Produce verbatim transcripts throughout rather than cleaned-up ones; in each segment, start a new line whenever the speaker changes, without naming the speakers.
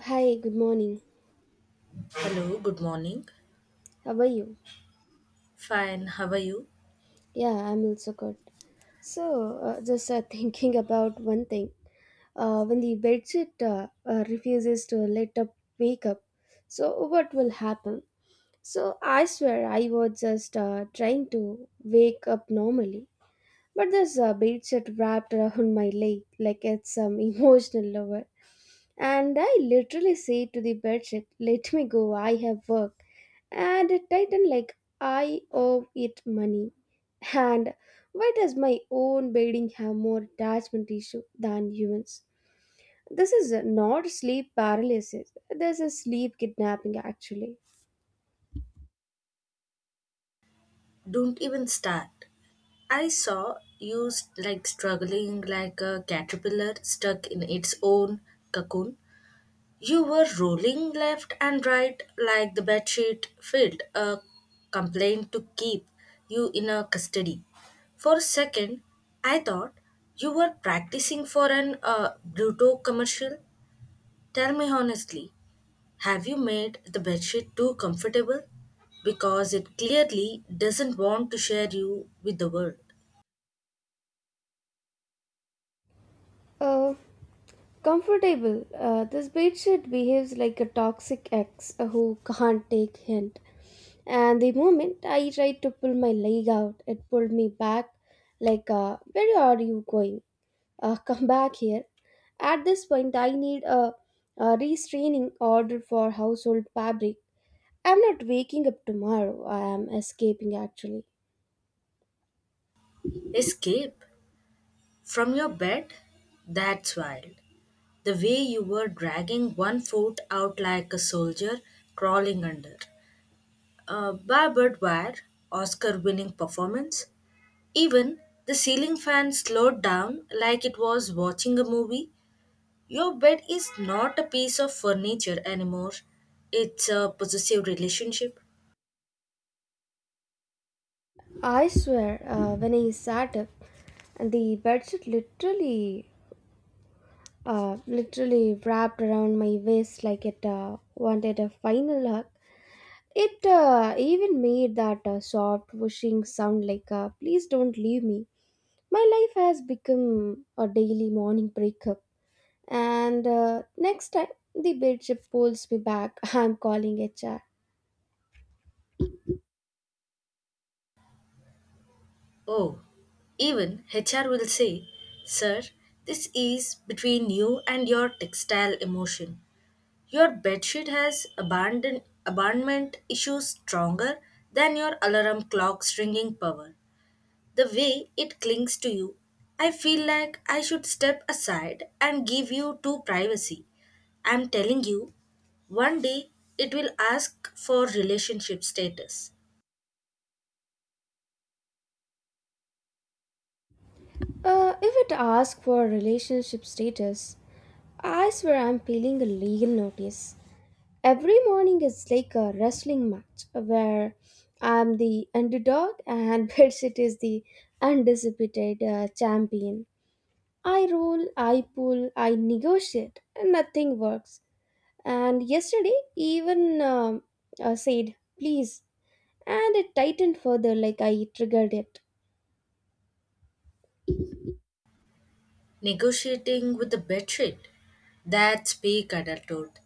Hi, good morning.
Hello, good morning.
How are you?
Fine, how are you?
Yeah, I'm also good. So, uh, just uh, thinking about one thing. Uh, when the bedsheet uh, uh, refuses to let up wake up, so what will happen? So, I swear I was just uh, trying to wake up normally, but this uh, bedsheet wrapped around my leg like it's some emotional lover. And I literally say to the bedsheet, let me go, I have work. And it tightened like I owe it money. And why does my own bedding have more attachment issue than humans? This is not sleep paralysis. This is sleep kidnapping actually.
Don't even start. I saw you st- like struggling like a caterpillar stuck in its own cocoon. You were rolling left and right like the bedsheet filled a complaint to keep you in a custody. For a second, I thought you were practicing for an uh, Bruto commercial. Tell me honestly, have you made the bedsheet too comfortable? Because it clearly doesn't want to share you with the world.
Uh, comfortable. Uh, this bedsheet behaves like a toxic ex who can't take hint. And the moment I tried to pull my leg out, it pulled me back like, uh, where are you going? Uh, come back here. At this point, I need a, a restraining order for household fabric. I'm not waking up tomorrow, I am escaping actually.
Escape from your bed? That's wild. The way you were dragging one foot out like a soldier crawling under a barbed wire, Oscar winning performance. Even the ceiling fan slowed down like it was watching a movie. Your bed is not a piece of furniture anymore, it's a possessive relationship.
I swear, uh, when I sat up, and the bedsheet literally, uh, literally wrapped around my waist like it uh, wanted a final hug. It uh, even made that uh, soft whooshing sound like a please don't leave me. My life has become a daily morning breakup. And uh, next time the bedsheet pulls me back, I'm calling H R.
Oh, even H R will say, sir, this is between you and your textile emotion. Your bedsheet has abandon- abandonment issues stronger than your alarm clock's ringing power. The way it clings to you, I feel like I should step aside and give you two privacy. I'm telling you, one day it will ask for relationship status.
Uh, if it asks for relationship status, I swear I'm peeling a legal notice. Every morning is like a wrestling match where I'm the underdog and bedsheet is the undisputed uh, champion. I roll, I pull, I negotiate, and nothing works. And yesterday, even um, uh, said, please, and it tightened further like I triggered it.
Negotiating with the bedsheet. That's peak adulthood.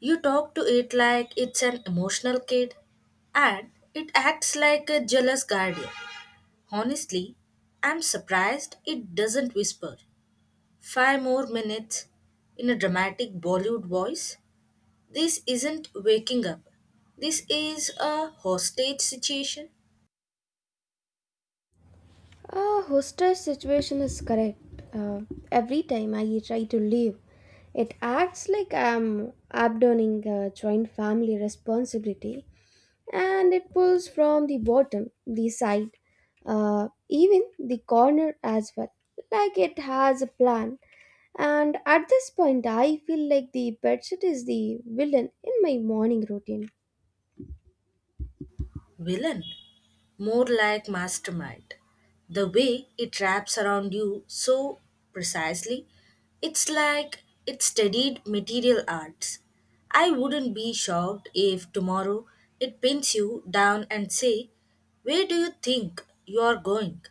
You talk to it like it's an emotional kid, and it acts like a jealous guardian. Honestly, I'm surprised it doesn't whisper. Five more minutes in a dramatic Bollywood voice. This isn't waking up. This is a hostage situation.
Ah, hostess situation is correct. Uh, every time I try to leave, it acts like I'm abandoning a joint family responsibility and it pulls from the bottom, the side, uh, even the corner as well, like it has a plan. And at this point, I feel like the bedsheet is the villain in my morning routine.
Villain. More like mastermind. The way it wraps around you so precisely, it's like it studied material arts. I wouldn't be shocked if tomorrow it pins you down and say, where do you think you are going?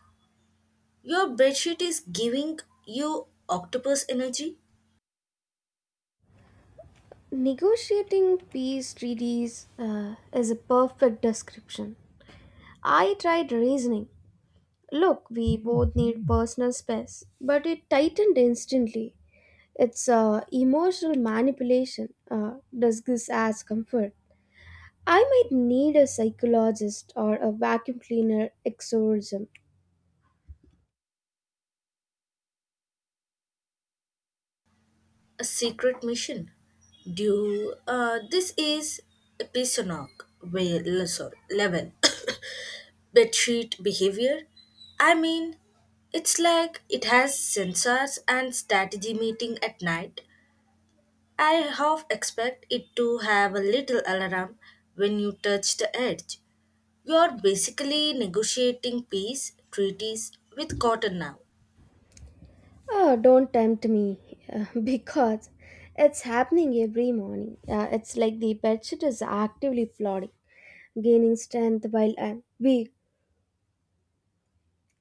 Your bedsheet is giving you octopus energy.
Negotiating peace treaties uh, is a perfect description. I tried reasoning. Look, we both need personal space, but it tightened instantly. It's uh, emotional manipulation, uh, disguised as comfort. I might need a psychologist or a vacuum cleaner exorcism.
A secret mission. Do uh, This is episodic where le- sorry, level bedsheet behavior. I mean, it's like it has sensors and strategy meeting at night. I half expect it to have a little alarm when you touch the edge. You're basically negotiating peace treaties with cotton now,
Oh, don't tempt me because it's happening every morning. Uh, it's like the bed sheet is actively plodding, gaining strength while I'm weak.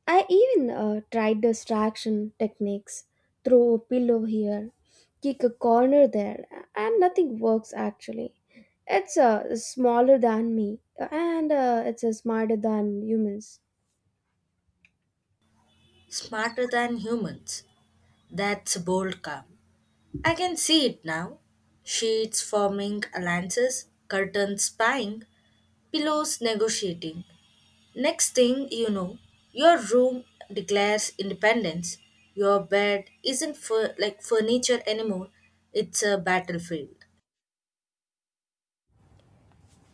I even uh, tried distraction techniques, throw a pillow here, kick a corner there, and nothing works actually. It's uh, smaller than me and uh, it's uh, smarter than humans.
smarter than humans. That's bold calm. I can see it now. Sheets forming alliances, curtains spying, pillows negotiating. Next thing you know, your room declares independence. Your bed isn't fur- like furniture anymore, it's a battlefield.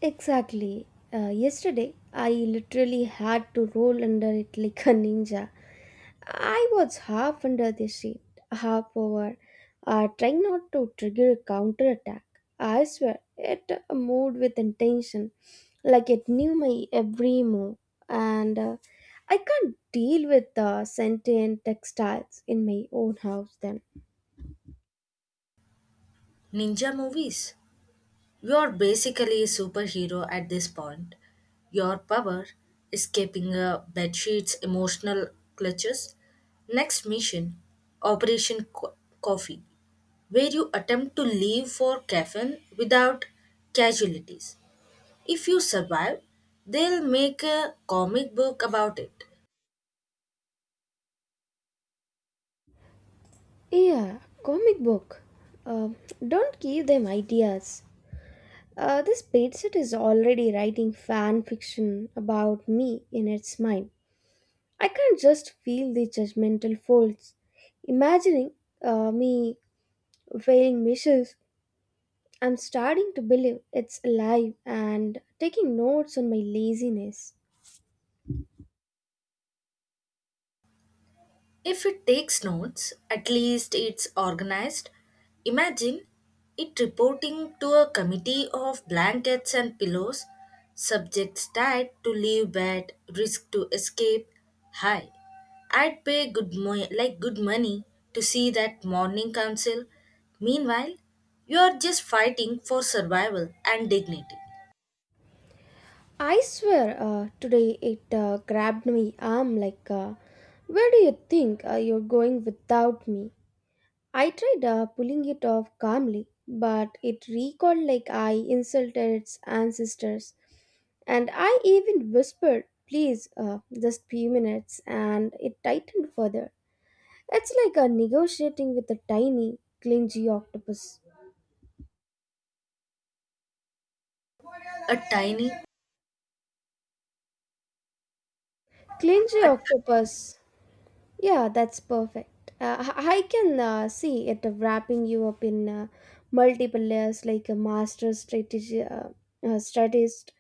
Exactly. Uh, yesterday, I literally had to roll under it like a ninja. I was half under the sheet, half over, uh, trying not to trigger a counterattack. I swear, it uh, moved with intention, like it knew my every move. And uh, I can't deal with uh, sentient textiles in my own house then.
Ninja movies. You're basically a superhero at this point. Your power, escaping a bedsheet's emotional clutches. Next mission, Operation Co- Coffee, where you attempt to leave for caffeine without casualties. If you survive, they'll make a comic book about it.
Yeah, comic book. Uh, don't give them ideas. Uh, this bedsit is already writing fan fiction about me in its mind. I can not just feel the judgmental folds. Imagining uh, me failing measures, I'm starting to believe it's alive and taking notes on my laziness.
If it takes notes, at least it's organized. Imagine it reporting to a committee of blankets and pillows, subjects tied to leave bed, risk to escape. High. I'd pay good mo- like good money to see that morning council. Meanwhile, you're just fighting for survival and dignity.
I swear, uh, today it uh, grabbed my arm like, uh, where do you think uh, you're going without me? I tried uh, pulling it off calmly, but it recoiled like I insulted its ancestors. And I even whispered, please, uh, just few minutes, and it tightened further. It's like a negotiating with a tiny, clingy octopus.
A tiny,
Clingy
a,
octopus. Yeah, that's perfect. Uh, I I can uh, see it wrapping you up in uh, multiple layers like a master strategy, uh, uh, strategist.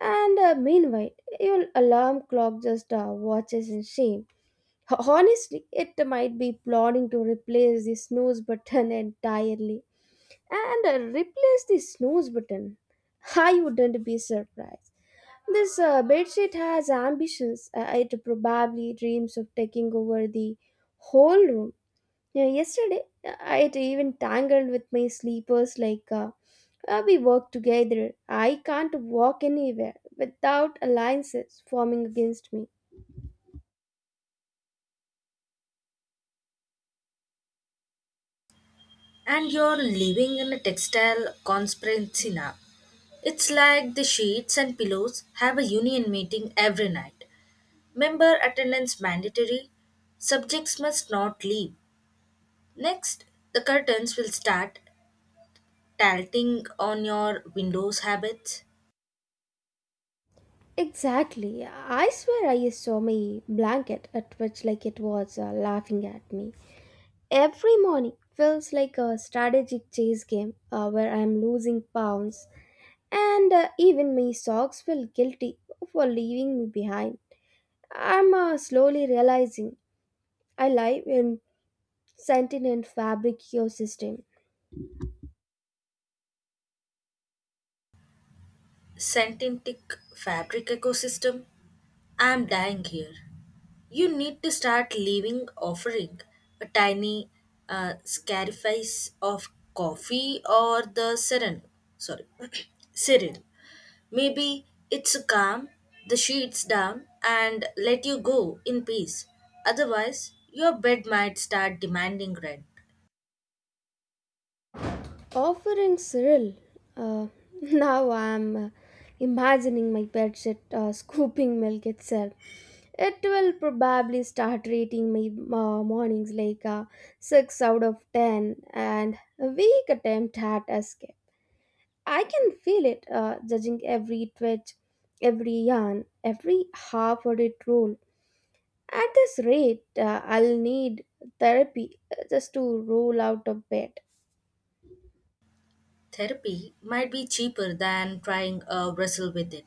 And uh, meanwhile, your alarm clock just uh, watches in shame. Ho- Honestly, it might be plotting to replace the snooze button entirely. And uh, replace the snooze button. I wouldn't be surprised. This uh, bedsheet has ambitions. Uh, it probably dreams of taking over the whole room. Yeah, yesterday, uh, it even tangled with my sleepers like uh, uh, we work together. I can't walk anywhere without alliances forming against me.
and you're living in a textile conspiracy now. It's like the sheets and pillows have a union meeting every night. Member attendance mandatory. Subjects must not leave. Next, the curtains will start tilting on your windows habits.
Exactly. I swear I saw my blanket at which like it was uh, laughing at me. Every morning feels like a strategic chase game uh, where I'm losing pounds and uh, even my socks feel guilty for leaving me behind. I'm uh, slowly realizing I live in sentient fabric ecosystem.
Synthetic fabric ecosystem? I'm dying here. You need to start leaving offering a tiny uh, scarifice of coffee or the serin. Sorry, cereal. Maybe it's calm the sheets down and let you go in peace. Otherwise, your bed might start demanding rent.
Offering Cyril, uh, now I'm uh, imagining my bedsheet uh, scooping milk itself. It will probably start rating my uh, mornings like a six out of ten and a weak attempt at escape. I can feel it uh, judging every twitch, every yarn, every half hearted roll. At this rate, uh, I'll need therapy uh, just to roll out of bed.
Therapy might be cheaper than trying to wrestle with it.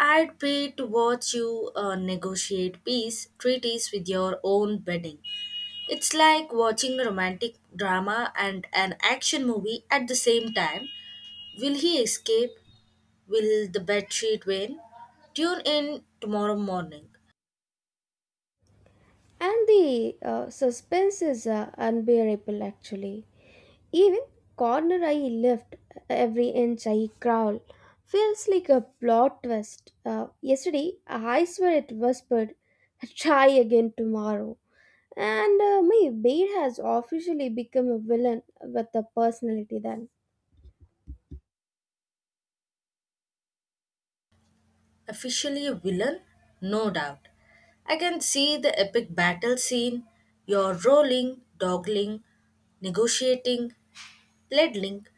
I'd pay to watch you uh, negotiate peace treaties with your own bedding. It's like watching a romantic drama and an action movie at the same time. Will he escape? Will the bedsheet win? Tune in tomorrow morning.
And the uh, suspense is uh, unbearable actually. Even corner I lift, uh, every inch I crawl, feels like a plot twist. Uh, yesterday, I swear it whispered, try again tomorrow. And uh, my bed has officially become a villain with a personality then.
Officially a villain? No doubt. I can see the epic battle scene. You're rolling, dogling, negotiating, ledling,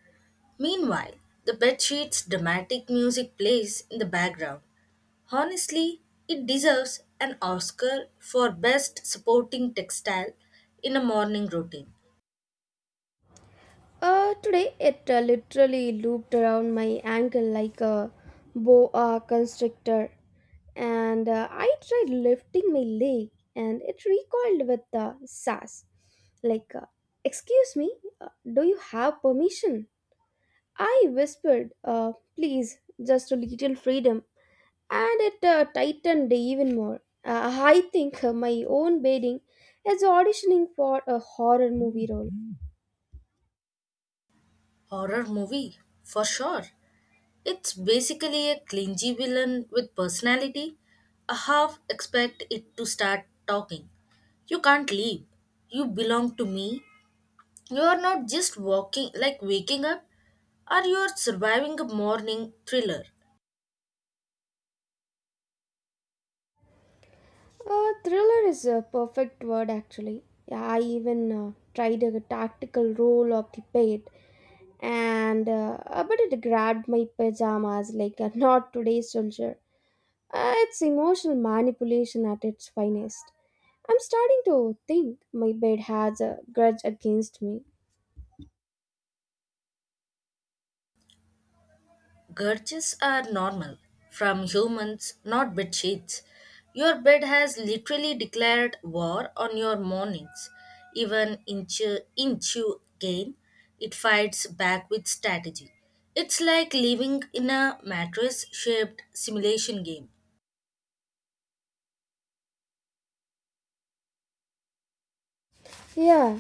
meanwhile, the bedsheet's dramatic music plays in the background. Honestly, it deserves an Oscar for Best Supporting Textile in a Morning Routine.
Uh, today, it uh, literally looped around my ankle like a boa constrictor. And uh, I tried lifting my leg and it recoiled with uh, sass. Like, uh, excuse me, uh, do you have permission? I whispered, uh, please, just a little freedom. And it uh, tightened even more. Uh, I think uh, my own bedding is auditioning for a horror movie role.
Horror movie, for sure. It's basically a clingy villain with personality. I half expect it to start talking. You can't leave. You belong to me. You are not just walking like waking up, or you are surviving a morning thriller.
Uh, thriller is a perfect word actually. I even uh, tried a tactical role of the bed and uh, uh, but it grabbed my pajamas like a not today soldier. Uh, it's emotional manipulation at its finest. I'm starting to think my bed has a grudge against me.
Gurges are normal from humans, not bed sheets. Your bed has literally declared war on your mornings. Even inch inch you gain, it fights back with strategy. It's like living in a mattress shaped simulation game.
Yeah,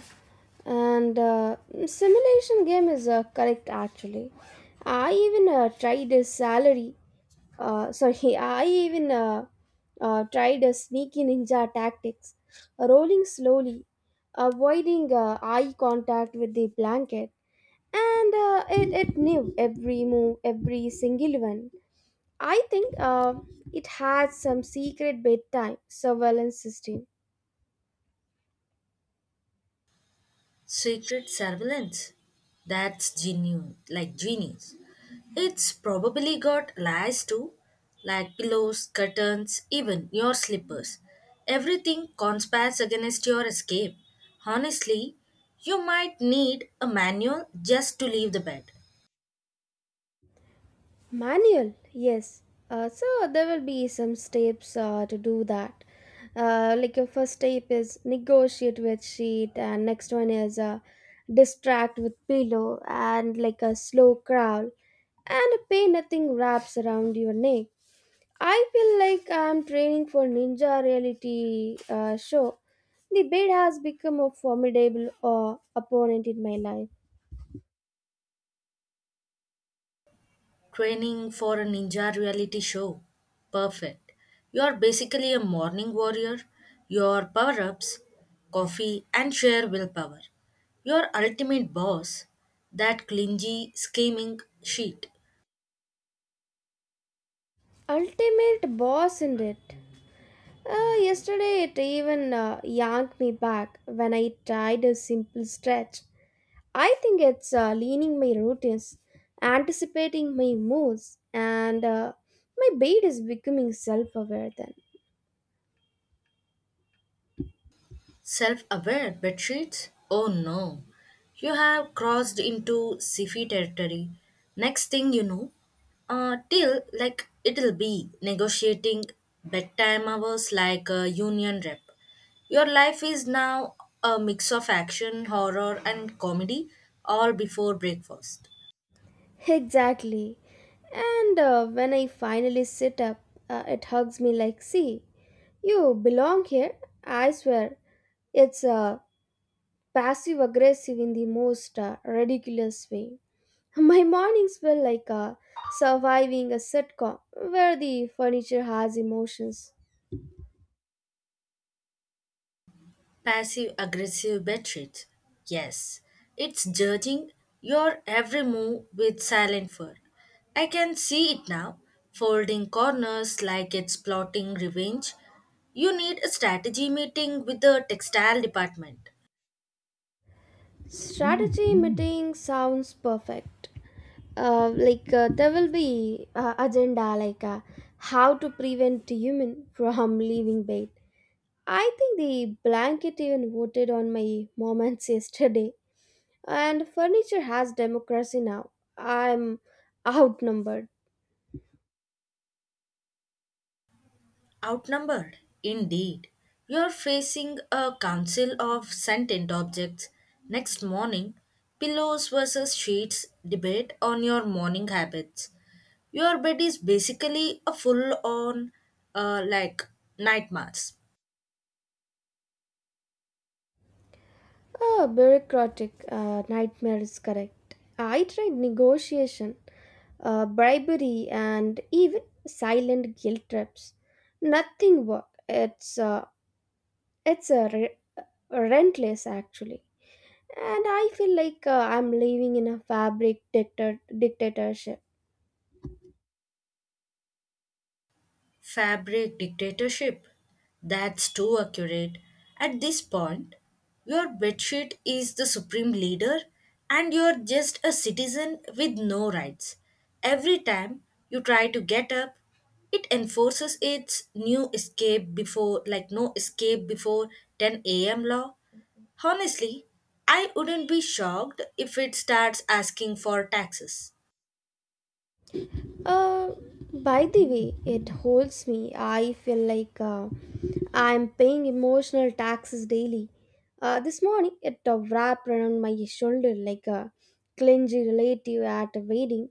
and uh, simulation game is uh, correct actually. I even uh, tried a salary, uh, sorry, I even uh, uh, tried a sneaky ninja tactics, rolling slowly, avoiding uh, eye contact with the blanket, and uh, it, it knew every move, every single one. I think uh, it had some secret bedtime surveillance system.
Secret surveillance? That's genuine, like genius. It's probably got lies too, like pillows, curtains, even your slippers. Everything conspires against your escape. Honestly, you might need a manual just to leave the bed.
Manual, yes. Uh, so there will be some steps uh, to do that. Uh, like your first step is negotiate with sheet, and next one is uh, distract with pillow, and like a slow crawl, and a pay nothing wraps around your neck. I feel like I'm training for ninja reality uh, show. The bed has become a formidable uh, opponent in my life.
Training for a ninja reality show. Perfect. You are basically a morning warrior. Your power ups, coffee, and sheer willpower. Your ultimate boss, that clingy, scheming sheet.
Ultimate boss in it. Uh, yesterday it even uh, yanked me back when I tried a simple stretch. I think it's uh, leaning my routines, anticipating my moods, and uh, my bait is becoming self aware then.
Self aware bedsheets? Oh no. You have crossed into sci territory. Next thing you know, uh, till like it'll be negotiating bedtime hours like a union rep. Your life is now a mix of action, horror, and comedy, all before breakfast.
Exactly. And uh, when I finally sit up, uh, it hugs me like, see, you belong here. I swear, it's uh, passive aggressive in the most uh, ridiculous way. My mornings feel like a surviving a sitcom where the furniture has emotions.
Passive aggressive betrayal. Yes, it's judging your every move with silent fur. I can see it now, folding corners like it's plotting revenge. You need a strategy meeting with the textile department.
Strategy meeting sounds perfect. Uh, like uh, there will be uh, agenda like uh, how to prevent human from leaving bed. I think the blanket even voted on my moments yesterday, and furniture has democracy now. I'm outnumbered.
Outnumbered, indeed. You're facing a council of sentient objects. Next morning, pillows versus sheets debate on your morning habits. Your bed is basically a full on, uh, like, nightmares.
Ah, bureaucratic uh, nightmare is correct. I tried negotiation, uh, bribery, and even silent guilt trips. Nothing worked. It's uh, it's a re- rentless actually, and I feel like uh, I'm living in a fabric dictator- dictatorship.
Fabric dictatorship? That's too accurate. At this point, your bedsheet is the supreme leader and you're just a citizen with no rights. Every time you try to get up, it enforces its new escape before like no escape before ten a m law. Honestly, I wouldn't be shocked if it starts asking for taxes.
Uh, by the way, it holds me. I feel like uh, I'm paying emotional taxes daily. Uh, this morning, it uh, wrapped around my shoulder like a clingy relative at a wedding.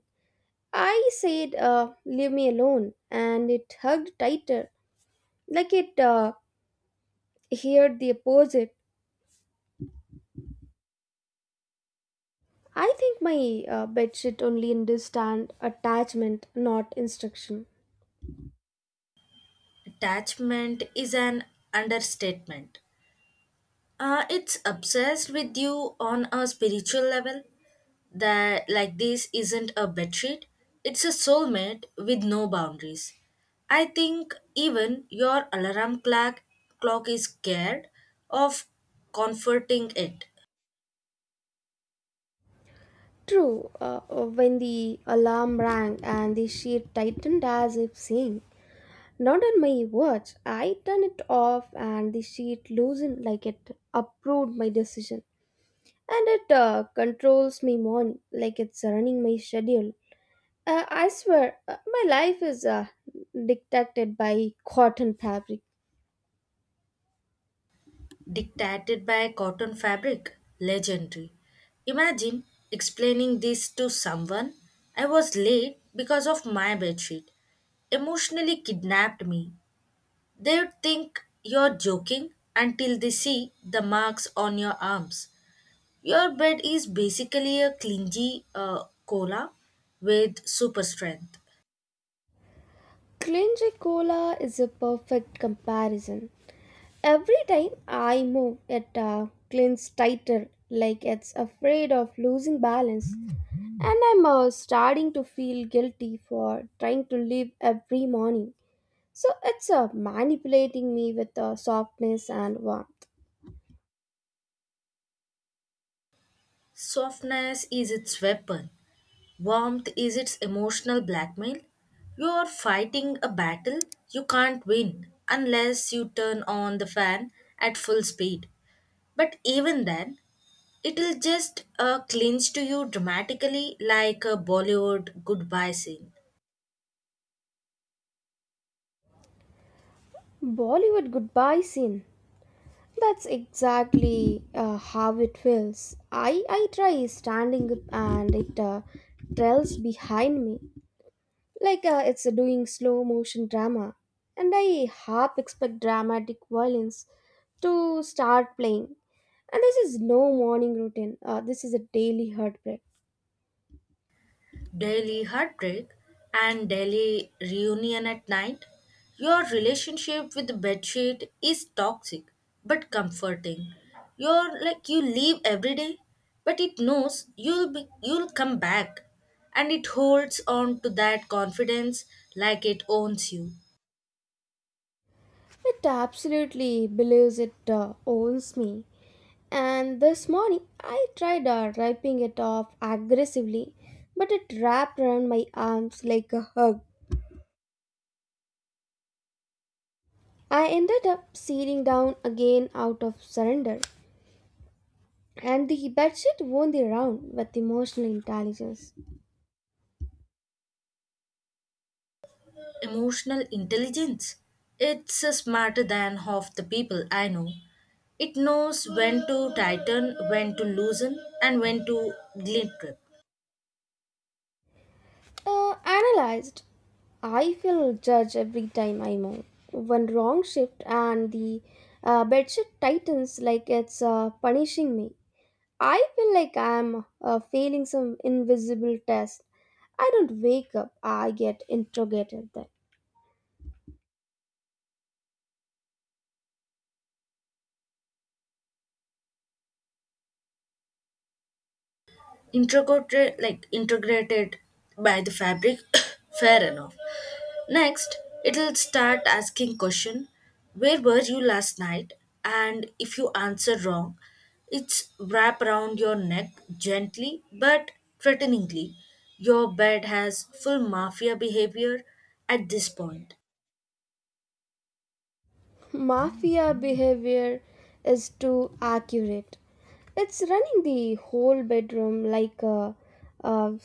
I said, uh, leave me alone, and it hugged tighter, like it uh, heard the opposite. I think my uh, bedsheet only understand attachment, not instruction.
Attachment is an understatement. Uh, it's obsessed with you on a spiritual level that like this isn't a bedsheet. It's a soulmate with no boundaries. I think even your alarm clock clock is scared of comforting it.
True, uh, uh, when the alarm rang and the sheet tightened as if saying, not on my watch, I turned it off and the sheet loosened like it approved my decision. And it uh, controls my morning like it's running my schedule. Uh, I swear, uh, my life is uh, dictated by cotton fabric.
Dictated by cotton fabric, legendary. Imagine explaining this to someone. I was late because of my bedsheet emotionally kidnapped me. They would think you're joking until they see the marks on your arms. Your bed is basically a clingy uh, cola with super strength.
Clinge cola is a perfect comparison. Every time I move, it uh, clings tighter, like it's afraid of losing balance. And I'm uh, starting to feel guilty for trying to live every morning. So it's uh, manipulating me with uh, softness and warmth.
Softness is its weapon, warmth is its emotional blackmail. You're fighting a battle you can't win unless you turn on the fan at full speed. But even then, it'll just uh, clinch to you dramatically like a Bollywood goodbye scene.
Bollywood goodbye scene. That's exactly uh, how it feels. I, I try standing up and it uh, trails behind me. Like uh, it's doing slow motion drama, and I half expect dramatic violence to start playing. And this is no morning routine. Uh, this is a daily heartbreak.
Daily heartbreak and daily reunion at night. Your relationship with the bedsheet is toxic but comforting. You're like you leave every day, but it knows you'll be you'll come back and it holds on to that confidence like it owns you.
It absolutely believes it uh, owns me. And this morning, I tried uh, ripping it off aggressively, but it wrapped around my arms like a hug. I ended up sitting down again out of surrender, and the bedsheet won the round with emotional intelligence.
Emotional intelligence. It's uh, smarter than half the people I know. It knows when to tighten, when to loosen, and when to guilt trip.
Uh, analyzed, I feel judged every time I move. One wrong shift and the uh, bedsheet tightens like it's uh, punishing me. I feel like I'm uh, failing some invisible test. I don't wake up, I get interrogated then.
Integrated like integrated by the fabric fair enough. Next, it'll start asking question, where were you last night? And if you answer wrong, it's wrap around your neck gently but threateningly. Your bed has full mafia behavior at this point.
Mafia behavior is too accurate. It's running the whole bedroom like a, a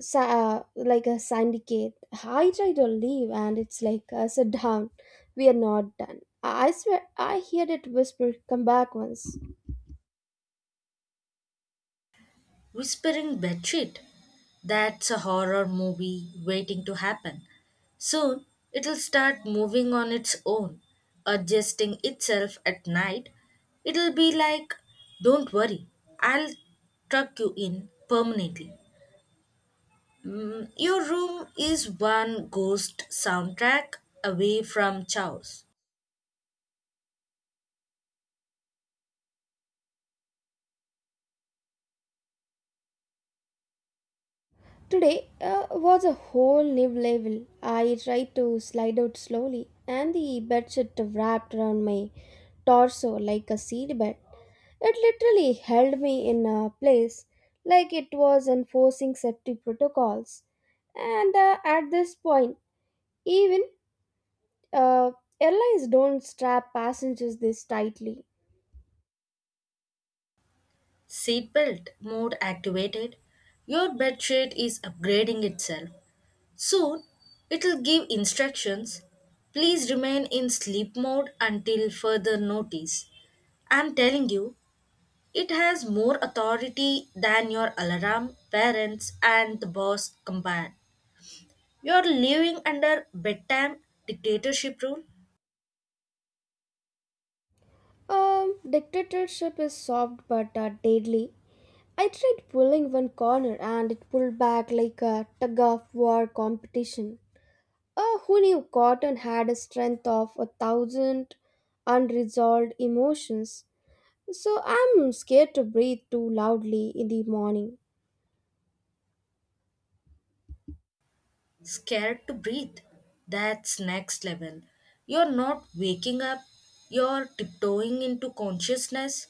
sa- uh, like a syndicate. I try to leave, and it's like, uh, sit down. We are not done. I swear, I heard it whisper, come back once.
Whispering Bedsheet. That's a horror movie waiting to happen. Soon it'll start moving on its own, adjusting itself at night. It'll be like, don't worry, I'll tuck you in permanently. Mm, your room is one ghost soundtrack away from chaos.
Today uh, was a whole new level. I tried to slide out slowly, and the bedsheet wrapped around my torso like a seed bed. It literally held me in a place like it was enforcing safety protocols. And uh, at this point, even Uh, airlines don't strap passengers this tightly.
Seatbelt mode activated. Your bedsheet is upgrading itself. Soon, it'll give instructions. Please remain in sleep mode until further notice. I'm telling you, it has more authority than your alarm, parents, and the boss combined. You're living under bedtime dictatorship rule.
Um, dictatorship is soft but uh, deadly. I tried pulling one corner and it pulled back like a tug of war competition. Uh, who knew cotton had a strength of a thousand unresolved emotions? So I'm scared to breathe too loudly in the morning.
Scared to breathe. That's next level. You're not waking up, you're tiptoeing into consciousness.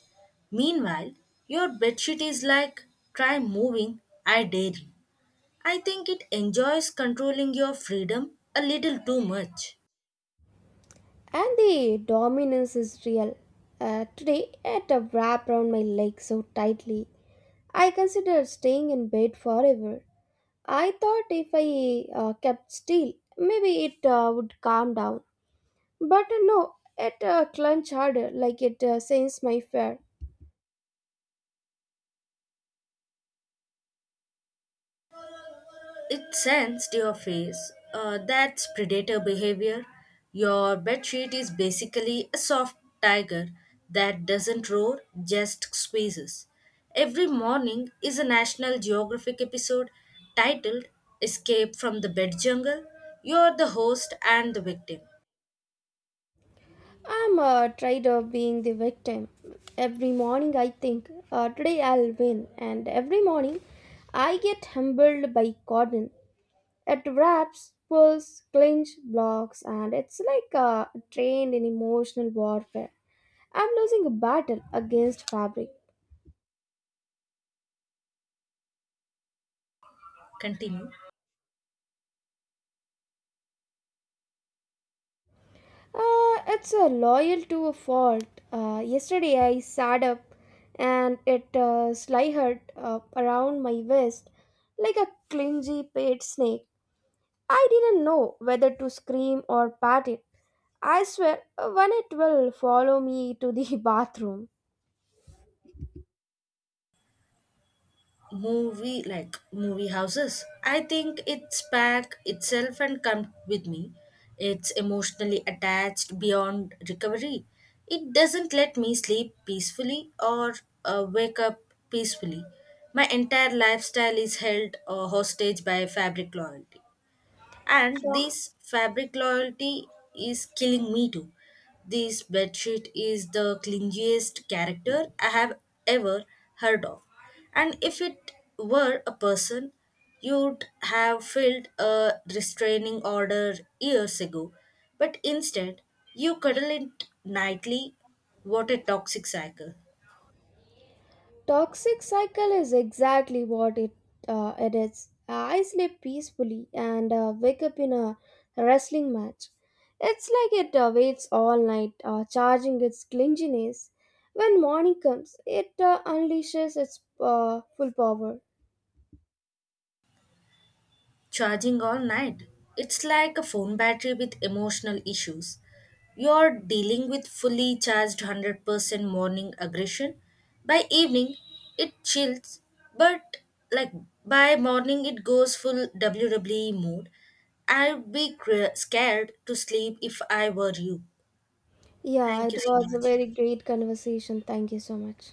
Meanwhile, your bedsheet is like, try moving, I dare you. I think it enjoys controlling your freedom a little too much.
And the dominance is real. Uh, today, it wrapped around my leg so tightly I considered staying in bed forever. I thought if I uh, kept still, maybe it uh, would calm down. But uh, no, it uh, clenched harder, like it uh, sensed my fear.
It sends to your face. Uh, that's predator behavior. Your bedsheet is basically a soft tiger that doesn't roar, just squeezes. Every morning is a National Geographic episode titled Escape from the Bed Jungle. You're the host and the victim.
I'm uh, tired of being the victim. Every morning I think, uh, today I'll win, and every morning I get humbled by Gordon. It wraps, pulls, clinch, blocks, and it's like a trained in emotional warfare. I'm losing a battle against fabric.
Continue.
Uh, it's a loyal to a fault. Uh, yesterday I sat up and it uh, slithered uh, around my waist like a clingy paid snake. I didn't know whether to scream or pat it. I swear, uh, when it will follow me to the bathroom.
Movie like movie houses, I think it's pack itself and come with me. It's emotionally attached beyond recovery. It doesn't let me sleep peacefully or uh, wake up peacefully. My entire lifestyle is held uh, hostage by fabric loyalty, and
Sure.
this fabric loyalty is killing me too. This bedsheet is the clingiest character I have ever heard of, and if it were a person, you'd have filled a restraining order years ago, but instead you cuddle it nightly. What a toxic cycle.
Toxic cycle is exactly what it uh, it is. I sleep peacefully and uh, wake up in a wrestling match. It's like it uh, waits all night, uh, charging its clinginess. When morning comes, it uh, unleashes its uh, full power.
Charging all night. It's like a phone battery with emotional issues. You're dealing with fully charged one hundred percent morning aggression. By evening, it chills, but like by morning, it goes full W W E mode. I'd be cra- scared to sleep if I were you.
Yeah,
Thank
it
you so
was a
much.
very great conversation. Thank you so much.